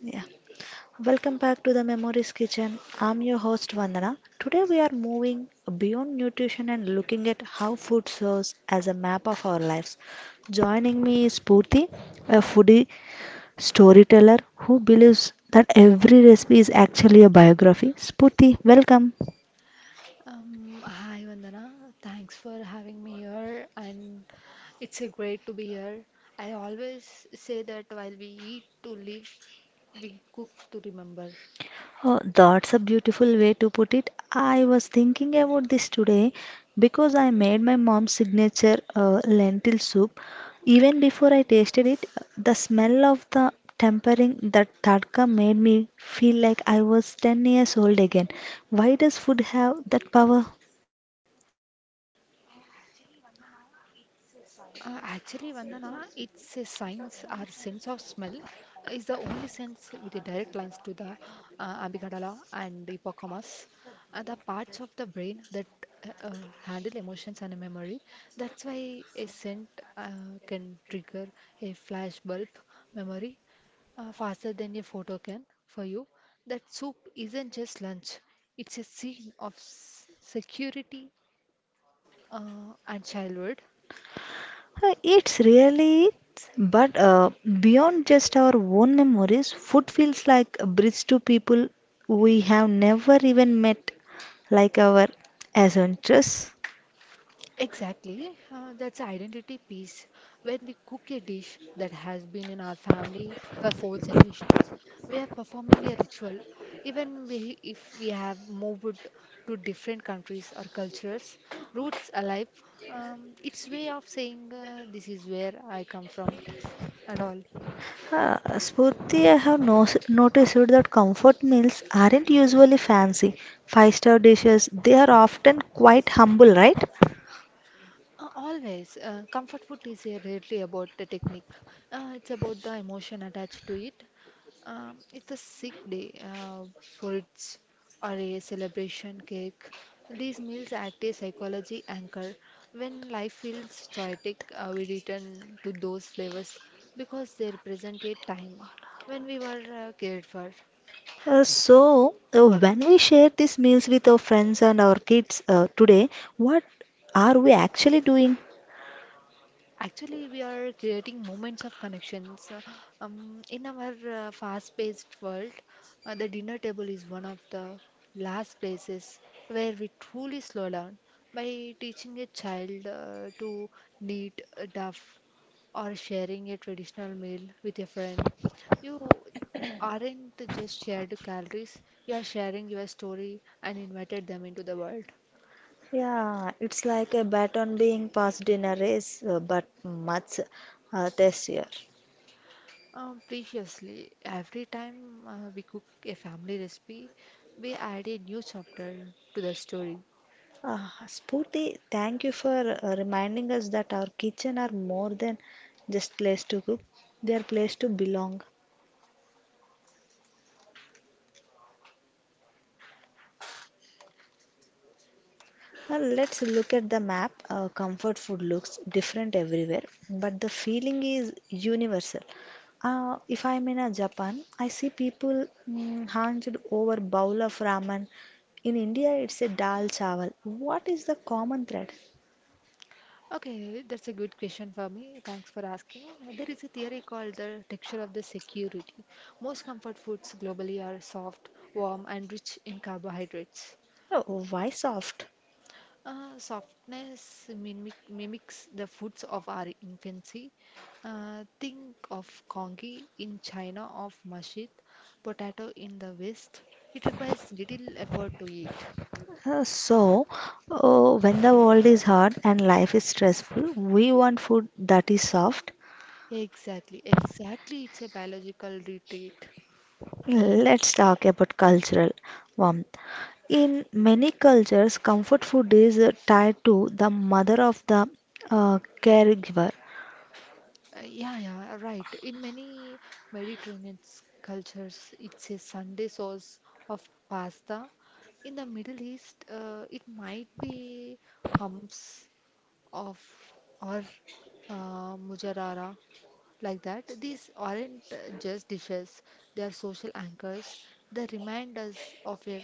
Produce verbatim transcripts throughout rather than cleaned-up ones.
Yeah. Welcome back to the Memories Kitchen. I'm your host Vandana. Today we are moving beyond nutrition and looking at how food serves as a map of our lives. Joining me is Purti, a foodie storyteller who believes that every recipe is actually a biography. Spurti, welcome. Um, hi Vandana, thanks for having me here, and it's a great to be here. I always say that while we eat to live, we cook to remember. Oh, that's a beautiful way to put it. I was thinking about this today because I made my mom's signature uh, lentil soup. Even before I tasted it, the smell of the tempering, that tadka, made me feel like I was ten years old again. Why does food have that power? Uh, actually, Vandana, it's a science. Our sense of smell is the only sense with a direct lines to the uh, amygdala and the hippocampus, are the parts of the brain that uh, uh, handle emotions and memory. That's why a scent uh, can trigger a flashbulb memory uh, faster than a photo can for you. That soup isn't just lunch. It's a scene of s- security uh, and childhood. Uh, It's really, but uh, beyond just our own memories, food feels like a bridge to people we have never even met, like our ancestors. Exactly. Uh, that's identity piece. When we cook a dish that has been in our family for four generations, we are performing a ritual. Even we, if we have moved to different countries or cultures, roots alive, um, it's way of saying uh, this is where I come from and all. Uh, Spurti, I have no- noticed that comfort meals aren't usually fancy. Five-star dishes, they are often quite humble, right? Uh, always, uh, comfort food is uh, really about the technique. Uh, it's about the emotion attached to it. Um, it's a sick day uh, for its or a celebration cake. These meals act as psychology anchor. When life feels chaotic, uh, we return to those flavors because they represent a time when we were uh, cared for. Uh, so, uh, when we share these meals with our friends and our kids uh, today, what are we actually doing? Actually, we are creating moments of connections. Uh, Um, in our uh, fast-paced world, uh, the dinner table is one of the last places where we truly slow down. By teaching a child uh, to knit, uh, duff, or sharing a traditional meal with a friend, you aren't just shared calories, you are sharing your story and invited them into the world. Yeah, it's like a baton being passed in a race, uh, but much uh, tastier. Um, preciously, every time uh, we cook a family recipe, we add a new chapter to the story. Uh, Spooty, thank you for uh, reminding us that our kitchen are more than just place to cook; they are place to belong. Uh, let's look at the map. Uh, comfort food looks different everywhere, but the feeling is universal. Uh, if I'm in a Japan, I see people mm, hunched over bowl of ramen. In India, it's a dal chawal. What is the common thread? Okay, that's a good question for me. Thanks for asking. Uh, There is a theory called the texture of the security. Most comfort foods globally are soft, warm, and rich in carbohydrates. Oh, why soft? Uh, softness mimic, mimics the foods of our infancy. Uh, think of congee in China, of mashit, potato in the West. It requires little effort to eat. Uh, So, uh, when the world is hard and life is stressful, we want food that is soft. Exactly, exactly. It's a biological retreat. Let's talk about cultural warmth. In many cultures, comfort food is uh, tied to the mother of the uh, caregiver. Uh, yeah, yeah, right. In many Mediterranean s- cultures, it's a Sunday source of pasta. In the Middle East, uh, it might be hummus of or uh, mujarara like that these aren't uh, just dishes, they are social anchors. They remind us of a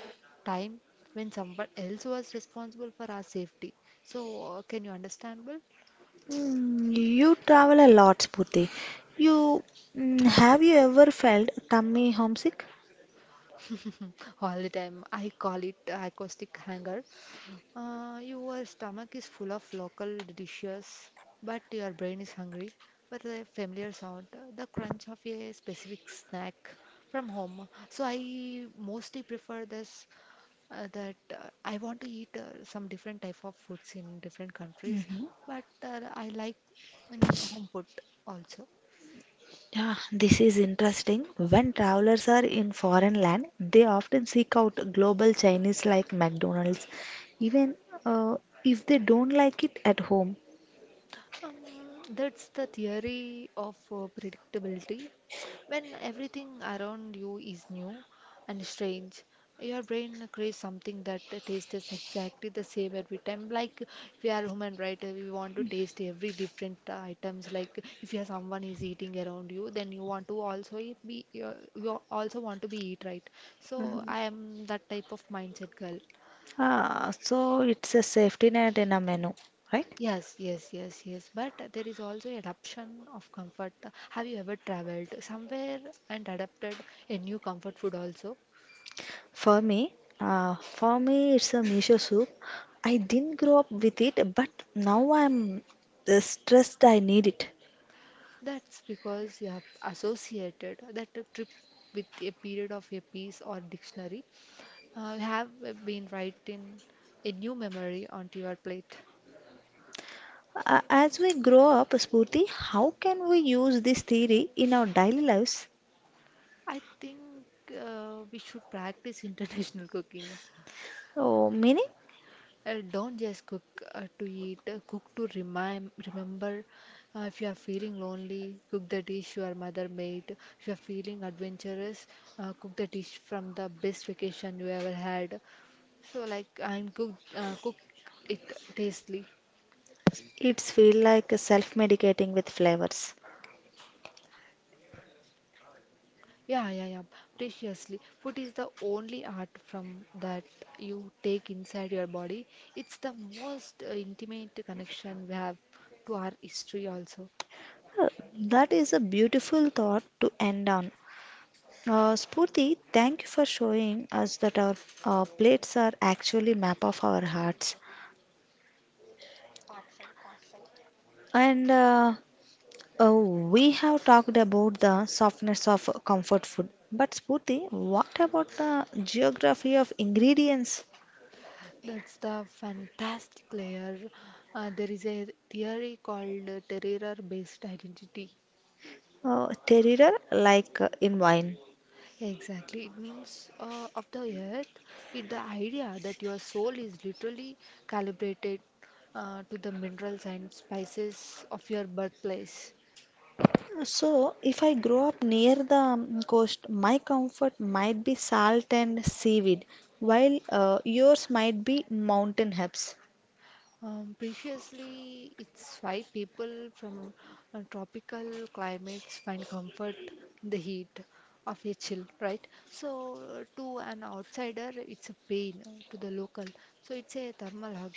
time when someone else was responsible for our safety, so uh, can you understand well? Mm, you travel a lot, Spurti. You, mm, have you ever felt tummy homesick? All the time, I call it acoustic hanger. Uh, your stomach is full of local dishes, but your brain is hungry for the familiar sound, the crunch of a specific snack from home. So I mostly prefer this uh, that uh, I want to eat uh, some different type of foods in different countries, Hmm. but uh, I like in home food also. Yeah, this is interesting. When travelers are in foreign land, they often seek out global Chinese like McDonald's, even uh, if they don't like it at home. Um, that's the theory of uh, predictability. When everything around you is new and strange, your brain creates something that tastes exactly the same every time. Like we are human, right? Uh, we want to taste every different uh, items. Like if you are someone is eating around you, then you want to also eat, be you, you also want to be eat, right? So Mhm. I am that type of mindset girl. Ah, so it's a safety net in a menu, right? Yes, yes, yes, yes. But there is also adaptation of comfort. Have you ever traveled somewhere and adapted a new comfort food also? For me, uh, for me, it's a miso soup. I didn't grow up with it, but now I'm uh, stressed. I need it. That's because you have associated that trip with a period of a piece or dictionary. Uh, you have been writing a new memory onto your plate. Uh, as we grow up, Spurti, how can we use this theory in our daily lives? I think uh, we should practice international cooking. Oh, meaning, Uh, don't just cook uh, to eat, uh, cook to remind, remember. Uh, if you are feeling lonely, cook the dish your mother made. If you are feeling adventurous, uh, cook the dish from the best vacation you ever had. So like I'm cook uh, cook it tastily. it's feel like self-medicating with flavors. Yeah, yeah, yeah, preciously. Food is the only art from that you take inside your body. It's the most uh, intimate connection we have to our history also. Uh, That is a beautiful thought to end on. Uh, Spurti, thank you for showing us that our uh, plates are actually map of our hearts. And uh, uh, we have talked about the softness of comfort food. But Spurti, what about the geography of ingredients? That's the fantastic layer. Uh, there is a theory called uh, terror-based identity. Uh, Terroir, like uh, in wine. Exactly, it means uh, of the earth. It the idea that your soul is literally calibrated uh, to the minerals and spices of your birthplace. So, if I grow up near the um, coast, my comfort might be salt and seaweed, while uh, yours might be mountain herbs. Um, preciously, it's why people from uh, tropical climates find comfort in the heat of a chill, right? So, to an outsider, it's a pain, uh, to the local, so it's a thermal hug.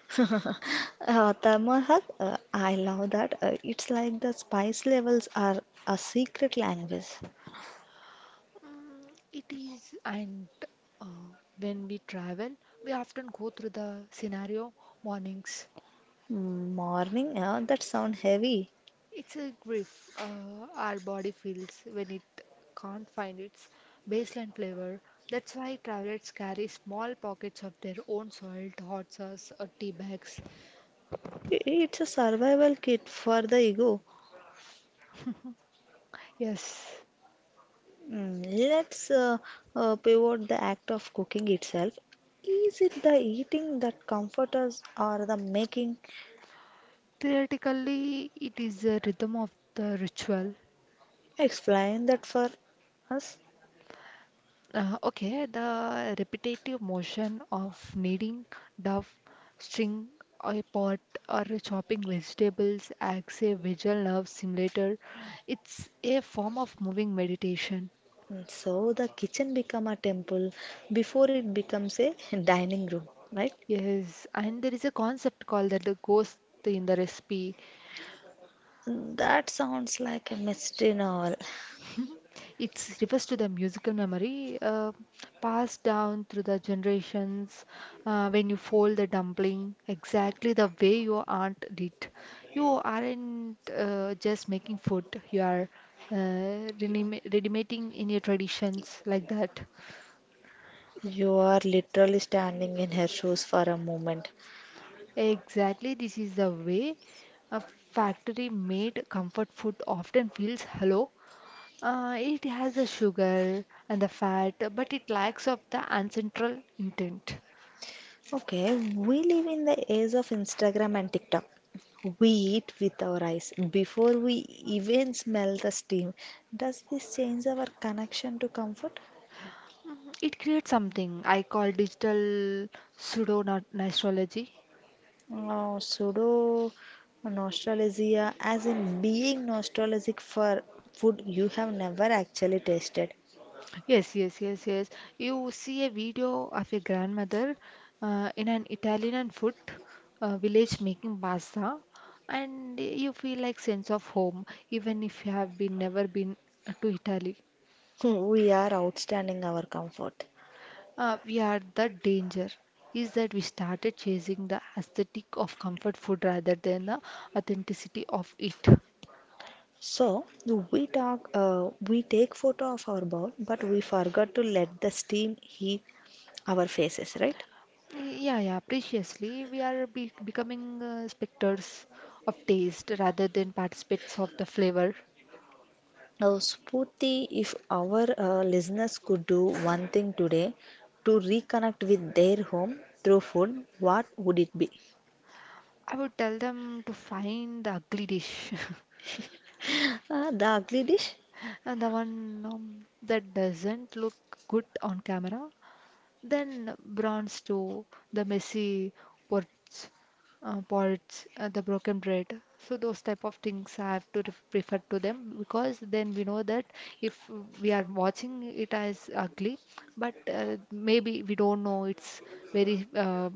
uh, Dharmahal, uh, I love that. Uh, it's like the spice levels are a secret language. Mm, it is, and uh, when we travel, we often go through the scenario mornings. Mm, morning, uh, that sound heavy. It's a grief uh, our body feels when it can't find its baseline flavor. That's why travelers carry small pockets of their own salt, hot sauce, or tea bags. I- It's a survival kit for the ego. Yes, Mm, Let's uh, uh, pivot the act of cooking itself. Is it the eating that comforts us or the making? theoretically, it is a rhythm of the ritual. Explain that for us. Uh, okay, the repetitive motion of kneading dough, string a pot, or chopping vegetables acts a visual nerve simulator. It's a form of moving meditation. So the kitchen become a temple before it becomes a dining room, right? Yes, and there is a concept called that the ghost in the recipe. That sounds like a mystery novel. It refers to the musical memory uh, passed down through the generations. Uh, when you fold the dumpling exactly the way your aunt did, you aren't uh, just making food, you are uh, rename- redeeming in your traditions like that. You are literally standing in her shoes for a moment. Exactly, this is the way a factory made comfort food often feels hello. Uh, it has the sugar and the fat, but it lacks of the ancestral intent. Okay, we live in the age of Instagram and TikTok. We eat with our eyes before we even smell the steam. Does this change our connection to comfort? Mm, it creates something I call digital pseudo astrology. Oh, pseudo nostalgia, as in being nostalgic for food you have never actually tasted. Yes, yes, yes, yes. You see a video of your grandmother uh, in an Italian food uh, village making pasta, and you feel like sense of home, even if you have been never been to Italy. We are outstanding our comfort. Uh, we are the danger is that we started chasing the aesthetic of comfort food rather than the authenticity of it. So we talk, uh, we take photo of our bowl, but we forgot to let the steam heat our faces, right? Yeah, yeah, preciously, we are be becoming uh, spectators of taste rather than participants of the flavor. Now, Spooty, if our uh, listeners could do one thing today to reconnect with their home through food, what would it be? I would tell them to find the ugly dish Uh, the ugly dish? and the one um, that doesn't look good on camera. Then bronze too, the messy pots, uh, pots, uh, the broken bread. So those type of things I have to ref refer to them because then we know that if we are watching it as ugly, but uh, maybe we don't know it's very, uh,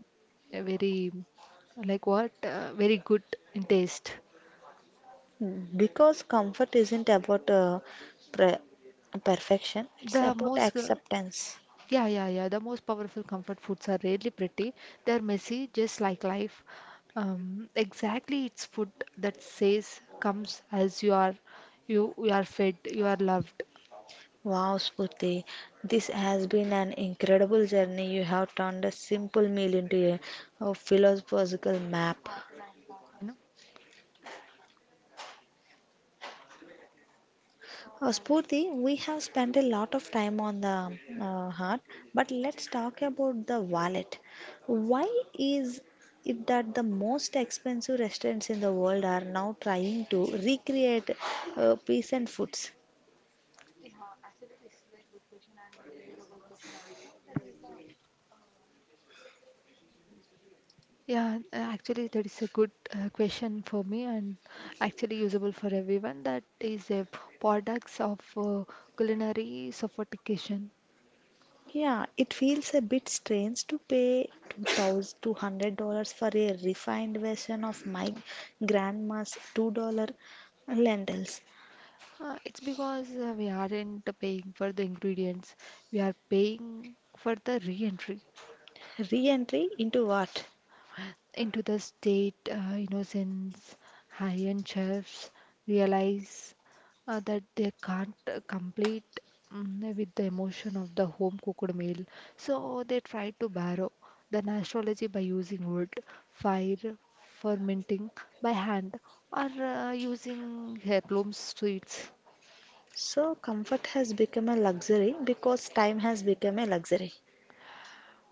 very like what, uh, very good in taste. Because comfort isn't about uh, pre- perfection, it's The about most uh, acceptance. Yeah, yeah, yeah. The most powerful comfort foods are rarely pretty. They're messy, just like life. Um, exactly, it's food that says comes as you are, you you are fed, you are loved. Wow, Spurti, this has been an incredible journey. You have turned a simple meal into a, a philosophical map. You know. Uh, Spurti, we have spent a lot of time on the uh, heart, but let's talk about the wallet. Why is it that the most expensive restaurants in the world are now trying to recreate uh, peasant foods? Yeah, uh, actually, that is a good uh, question for me and actually usable for everyone. That is a products of uh, culinary sophistication. Yeah, it feels a bit strange to pay two thousand two hundred dollars for a refined version of my grandma's two dollar lentils. Uh, it's because uh, we aren't paying for the ingredients, we are paying for the re-entry Re entry into what? into the state uh, you know, since high-end chefs realize uh, that they can't uh, complete mm, with the emotion of the home cooked meal, so they try to borrow the astrology by using wood fire, fermenting by hand, or uh, using heirloom sweets. So, comfort has become a luxury because time has become a luxury.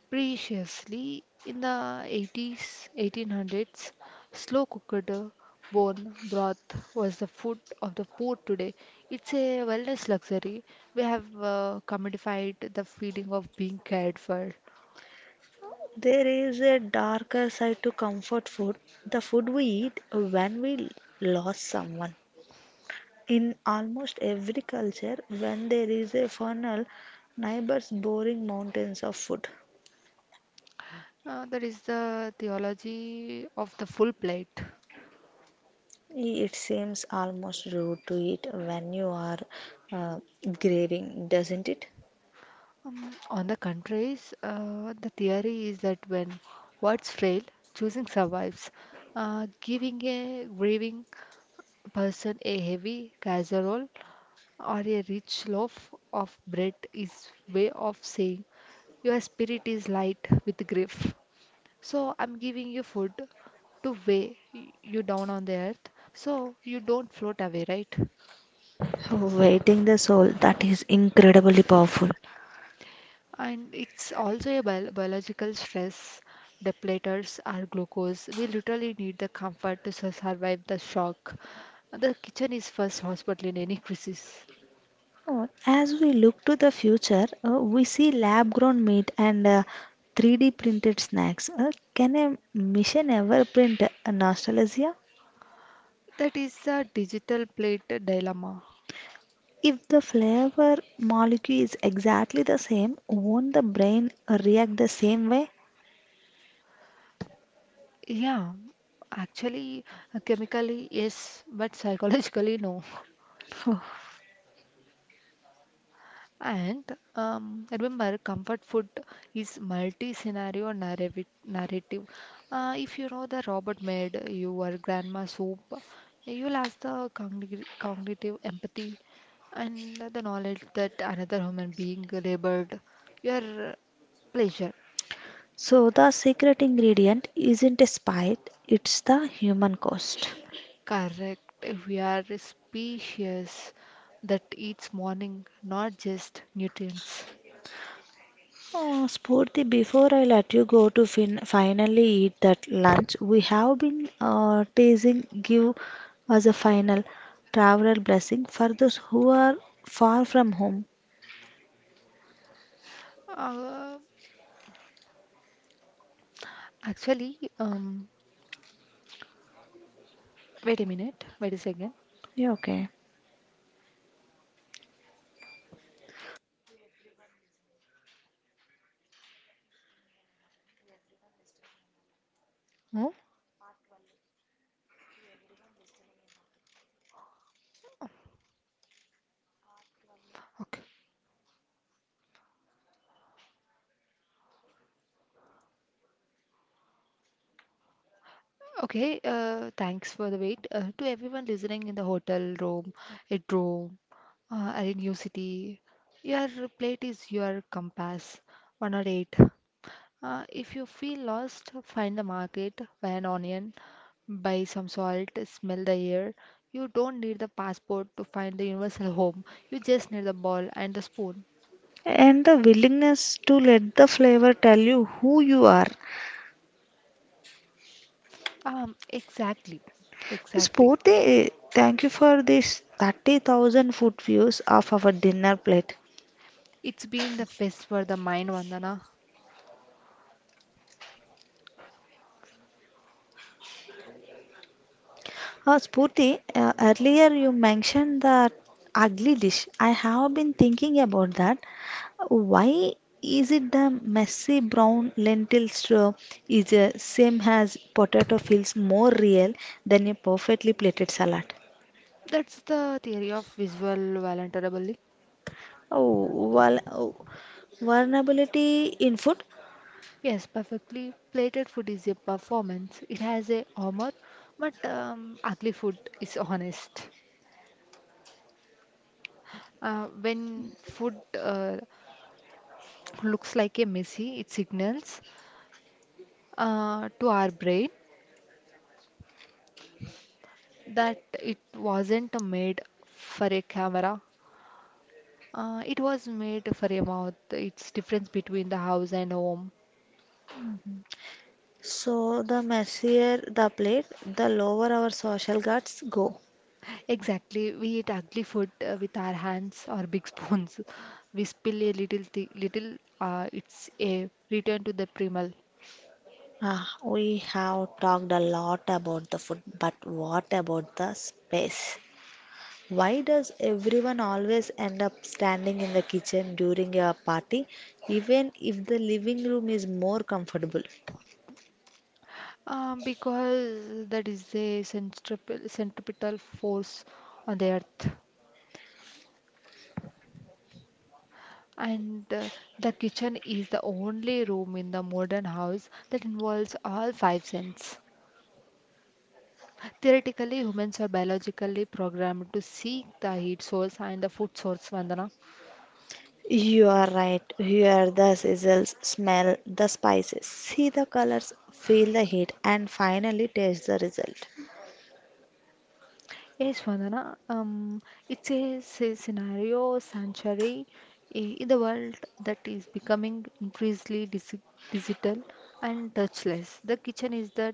Preciously, in the eighties, eighteen hundreds, slow cooked uh, bone broth was the food of the poor today. It's a wellness luxury. We have uh, commodified the feeling of being cared for. There is a darker side to comfort food, the food we eat when we lost someone. In almost every culture, when there is a funeral, neighbors boring mountains of food. Uh, that is the theology of the full plate. It seems almost rude to eat when you are uh, grieving, doesn't it? Um, on the contraries, uh, the theory is that when words fail, choosing survives. Uh, giving a grieving person a heavy casserole or a rich loaf of bread is way of saying your spirit is light with grief. So I'm giving you food to weigh y- you down on the earth so you don't float away, right? Waiting the soul, that is incredibly powerful. And it's also a bio- biological stress. Depleters are glucose. We literally need the comfort to sur- survive the shock. The kitchen is first hospital in any crisis. Oh, as we look to the future, uh, we see lab grown meat and uh, three D printed snacks. Uh, can a machine ever print a nostalgia? That is a digital plate dilemma. If the flavor molecule is exactly the same, won't the brain react the same way? Yeah, actually, uh, chemically, yes, but psychologically, no. And um, remember, comfort food is multi-scenario narrative. narrative. Uh, if you know the Robert made your grandma soup, you'll ask the cognitive, cognitive empathy and the knowledge that another human being labored your pleasure. So the secret ingredient isn't a spite, it's the human cost. Correct. We are a species that eats morning, not just nutrients. Uh, Spurti, before I let you go to fin- finally eat that lunch, we have been uh, teasing give as a final traveler blessing for those who are far from home. Uh, actually, um, wait a minute. Wait a second. Yeah, okay. No? Okay. Okay. Uh, thanks for the wait. Uh, to everyone listening in the hotel room, at room, uh, are in new city, your plate is your compass. One or eight. Uh, if you feel lost, find the market, buy an onion, buy some salt, smell the air. You don't need the passport to find the universal home. You just need the ball and the spoon. And the willingness to let the flavor tell you who you are. Um, exactly, exactly. Spurti, thank you for this thirty thousand foot views of our dinner plate. It's been the best for the mind, Vandana. Uh, Spurti, uh, earlier you mentioned the ugly dish. I have been thinking about that. Why is it the messy brown lentil straw is the same as potato feels more real than a perfectly plated salad? That's the theory of visual voluntarily. Oh, well, oh, vulnerability in food. Yes, perfectly. Plated food is a performance. It has a armor, but um, ugly food is honest. Uh, when food uh, looks like a messy, it signals uh, to our brain that it wasn't made for a camera. Uh, it was made for a mouth. It's difference between the house and home. So the messier the plate, the lower our social guards go. Exactly. We eat ugly food uh, with our hands or big spoons. We spill a little, thi- little. Uh, it's a return to the primal. Ah, we have talked a lot about the food, but what about the space? Why does everyone always end up standing in the kitchen during a party, even if the living room is more comfortable? Uh, because that is a centripetal, centripetal force on the earth. And uh, the kitchen is the only room in the modern house that involves all five senses. Theoretically, humans are biologically programmed to seek the heat source and the food source, Vandana. You are right. Hear the sizzles, smell the spices, see the colors, feel the heat, and finally taste the result. Yes, Vandana. Um, it's a, s- scenario sanctuary i- in the world that is becoming increasingly disi- digital and touchless. The kitchen is that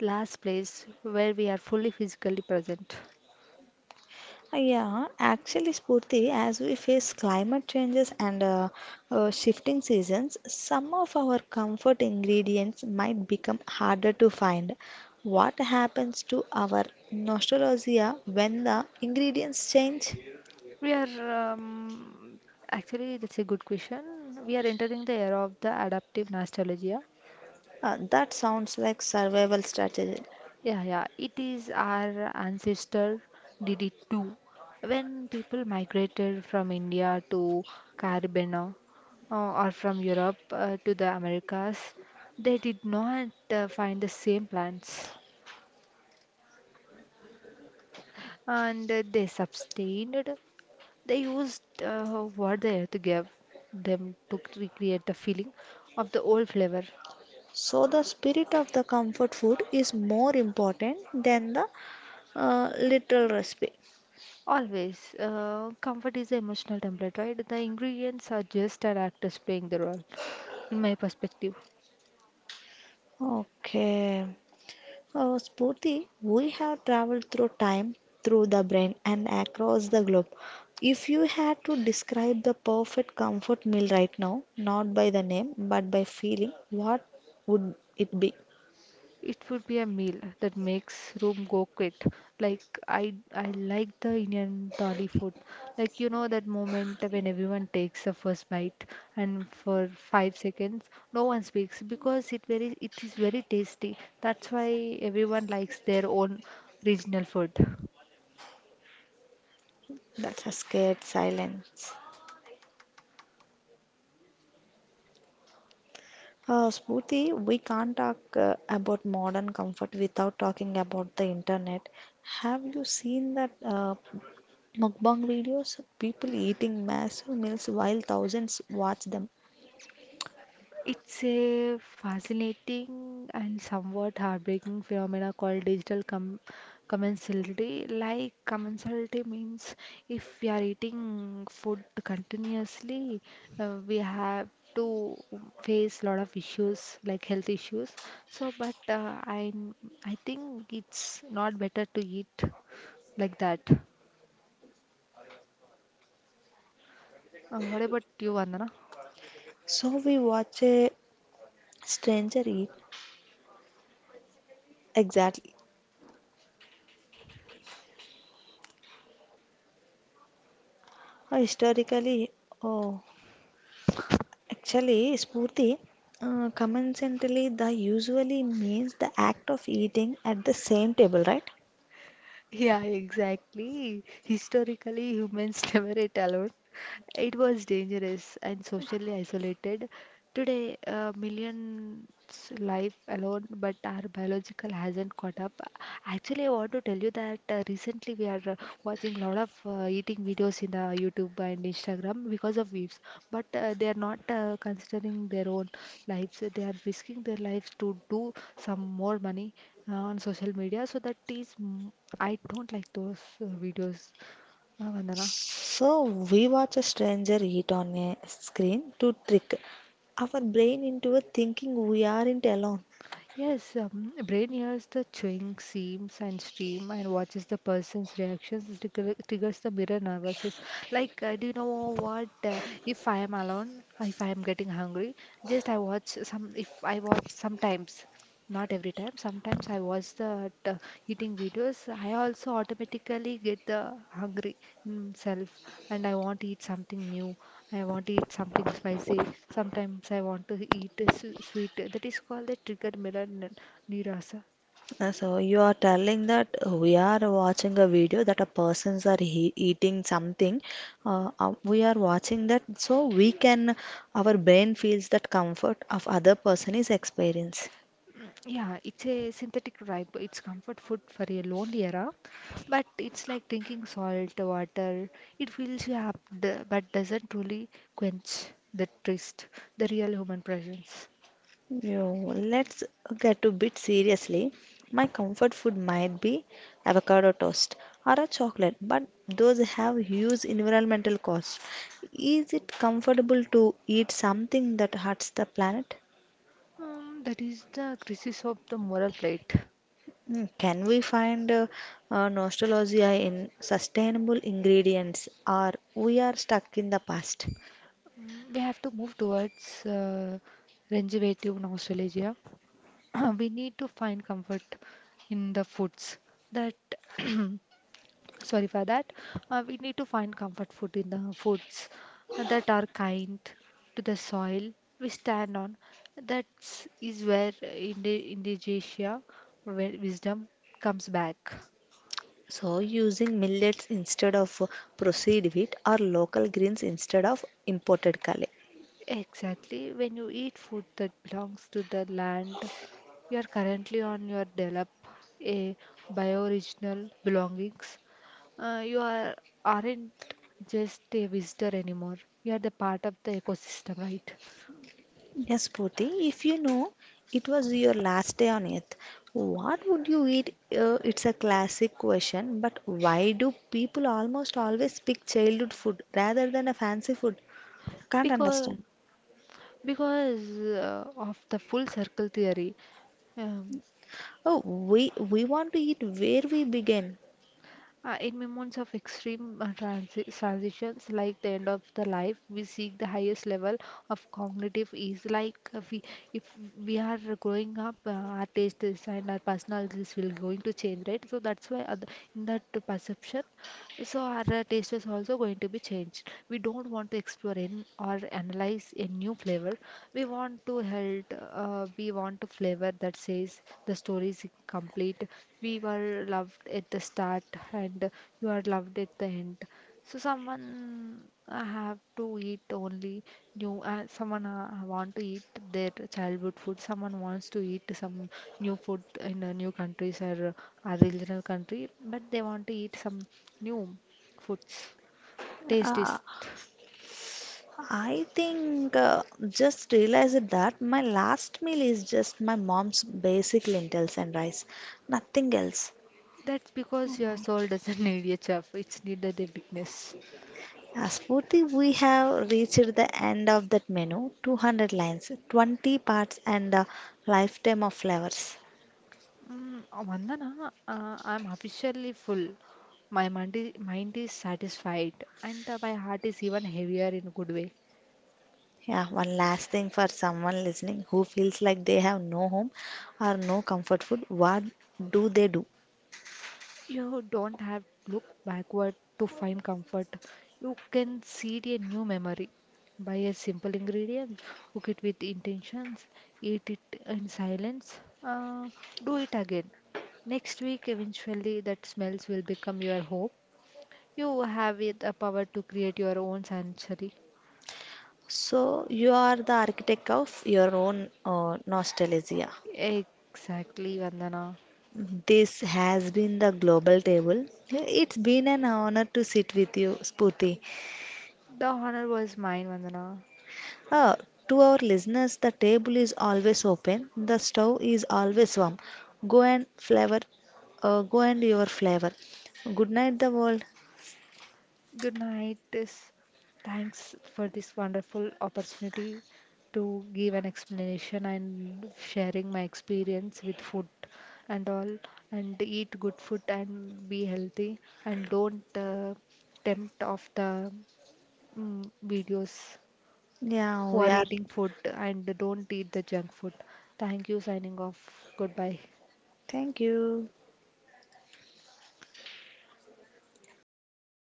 last place where we are fully physically present. Yeah, actually, Spurti, as we face climate changes and uh, uh, shifting seasons, some of our comfort ingredients might become harder to find. What happens to our nostalgia when the ingredients change? We are um, actually that's a good question. We are entering the era of the adaptive nostalgia. Uh, that sounds like survival strategy. Yeah, yeah, it is our ancestor did it too. When people migrated from India to Caribbean uh, or from Europe uh, to the Americas, they did not uh, find the same plants and uh, they sustained. They used uh, what the earth gave them to recreate the feeling of the old flavor. So the spirit of the comfort food is more important than the uh, literal recipe. Always, uh, comfort is the emotional template, right? The ingredients are just our actors playing the role. In my perspective, Okay. Uh, Spurti, we have traveled through time, through the brain, and across the globe. If you had to describe the perfect comfort meal right now, not by the name but by feeling, what would it be? it would be a meal that makes room go quick. Like I, I like the Indian thali food. Like you know that moment when everyone takes the first bite, and for five seconds no one speaks because it very, it is very tasty. That's why everyone likes their own regional food. That's a scared silence. Uh, Spurti, we can't talk uh, about modern comfort without talking about the internet. Have you seen that uh, mukbang videos? People eating massive meals while thousands watch them. It's a fascinating and somewhat heartbreaking phenomena called digital com- commensality. Like commensality means if we are eating food continuously, uh, we have to face a lot of issues like health issues. So, but uh, I I think it's not better to eat like that. Uh, what about you, Vandana? So we watch a stranger eat. Exactly. Uh, historically, oh, actually, Spurti, uh, coincidentally, the usually means the act of eating at the same table, right? Yeah, exactly. Historically, humans never ate alone. It was dangerous and socially isolated. Today, uh, millions live alone, but our biological hasn't caught up. Actually, I want to tell you that uh, recently we are uh, watching a lot of uh, eating videos in the YouTube and Instagram because of weaves, but uh, they are not uh, considering their own lives. They are risking their lives to do some more money uh, on social media. So that is, mm, I don't like those uh, videos, uh, Vandana. So we watch a stranger eat on a screen to trick our brain into a thinking we aren't alone. Yes, um, brain hears the chewing, seams, and stream and watches the person's reactions. This trigger, triggers the mirror nervouses. Like, uh, do you know what? Uh, if I am alone, if I am getting hungry, just I watch some. If I watch sometimes, not every time. Sometimes I watch the uh, eating videos. I also automatically get the hungry in self, and I want to eat something new. I want to eat something spicy. Sometimes I want to eat a su- sweet. That is called the trigger mirror n- nirasa. Uh, So you are telling that we are watching a video that a persons are he eating something. Uh, uh, we are watching that, so we can our brain feels that comfort of other person is experience. Yeah, it's a synthetic ripe. It's comfort food for a lonely era, but it's like drinking salt water. It fills you up, d- but doesn't truly quench the thirst, the real human presence. You, let's get a bit seriously. My comfort food might be avocado toast or a chocolate, but those have huge environmental costs. Is it comfortable to eat something that hurts the planet? Um, that is the crisis of the moral plate. Mm, can we find uh, uh, nostalgia in sustainable ingredients, or we are stuck in the past? Mm, we have to move towards uh, regenerative nostalgia. Uh, we need to find comfort in the foods that sorry for that uh, we need to find comfort food in the foods that are kind to the soil we stand on, that is where indi- indigesia, where wisdom comes back. So, using millets instead of uh, processed wheat, or local grains instead of imported kale. Exactly. When you eat food that belongs to the land you are currently on, your develop a bioregional belongings. Uh, you are aren't just a visitor anymore. You are the part of the ecosystem, right? Yes, Purti, if you know it was your last day on earth, what would you eat? Uh, it's a classic question, but why do people almost always pick childhood food rather than a fancy food? I can't Because understand. because uh, of the full circle theory. Um, Oh, we we want to eat where we begin. Uh, in moments of extreme uh, transi- transitions, like the end of the life, we seek the highest level of cognitive ease. Like uh, we, if we are growing up, uh, our tastes and our personalities will going to change, right? So that's why other, in that perception. So our uh, taste is also going to be changed. We don't want to explore in or analyze a new flavor. We want to held. Uh, we want a flavor that says the story is complete. We were loved at the start and you are loved at the end. So someone uh, have to eat only new. Uh, someone uh, want to eat their childhood food. Someone wants to eat some new food in a new countries or a regional country, but they want to eat some new foods. Taste Uh, is I think uh, just realized that my last meal is just my mom's basic lentils and rice, nothing else. that's because your soul doesn't need a chef. It's needed a witness. As Spurti, we have reached the end of that menu, two hundred lines, twenty parts, and a lifetime of flavors. Mm, uh, Vandana, uh, I'm officially full. My mind is, mind is satisfied, and uh, my heart is even heavier in a good way. Yeah, one last thing for someone listening who feels like they have no home or no comfort food, what do they do? You don't have to look backward to find comfort. You can seed a new memory. Buy a simple ingredient, cook it with intentions, eat it in silence, uh, do it again. Next week, eventually, that smells will become your hope. You have it, the power to create your own sanctuary. So you are the architect of your own uh, nostalgia. Exactly, Vandana. This has been the global table. It's been an honor to sit with you, Spooty. The honor was mine, Vandana. Uh, to our listeners, the table is always open. The stove is always warm. Go and flavor, uh, go and your flavor. Good night, the world. Good night. This thanks for this wonderful opportunity to give an explanation and sharing my experience with food and all and eat good food and be healthy and don't uh, tempt of the mm, videos Yeah, who we are are. eating food and don't eat the junk food. Thank you signing off. Goodbye. Thank you.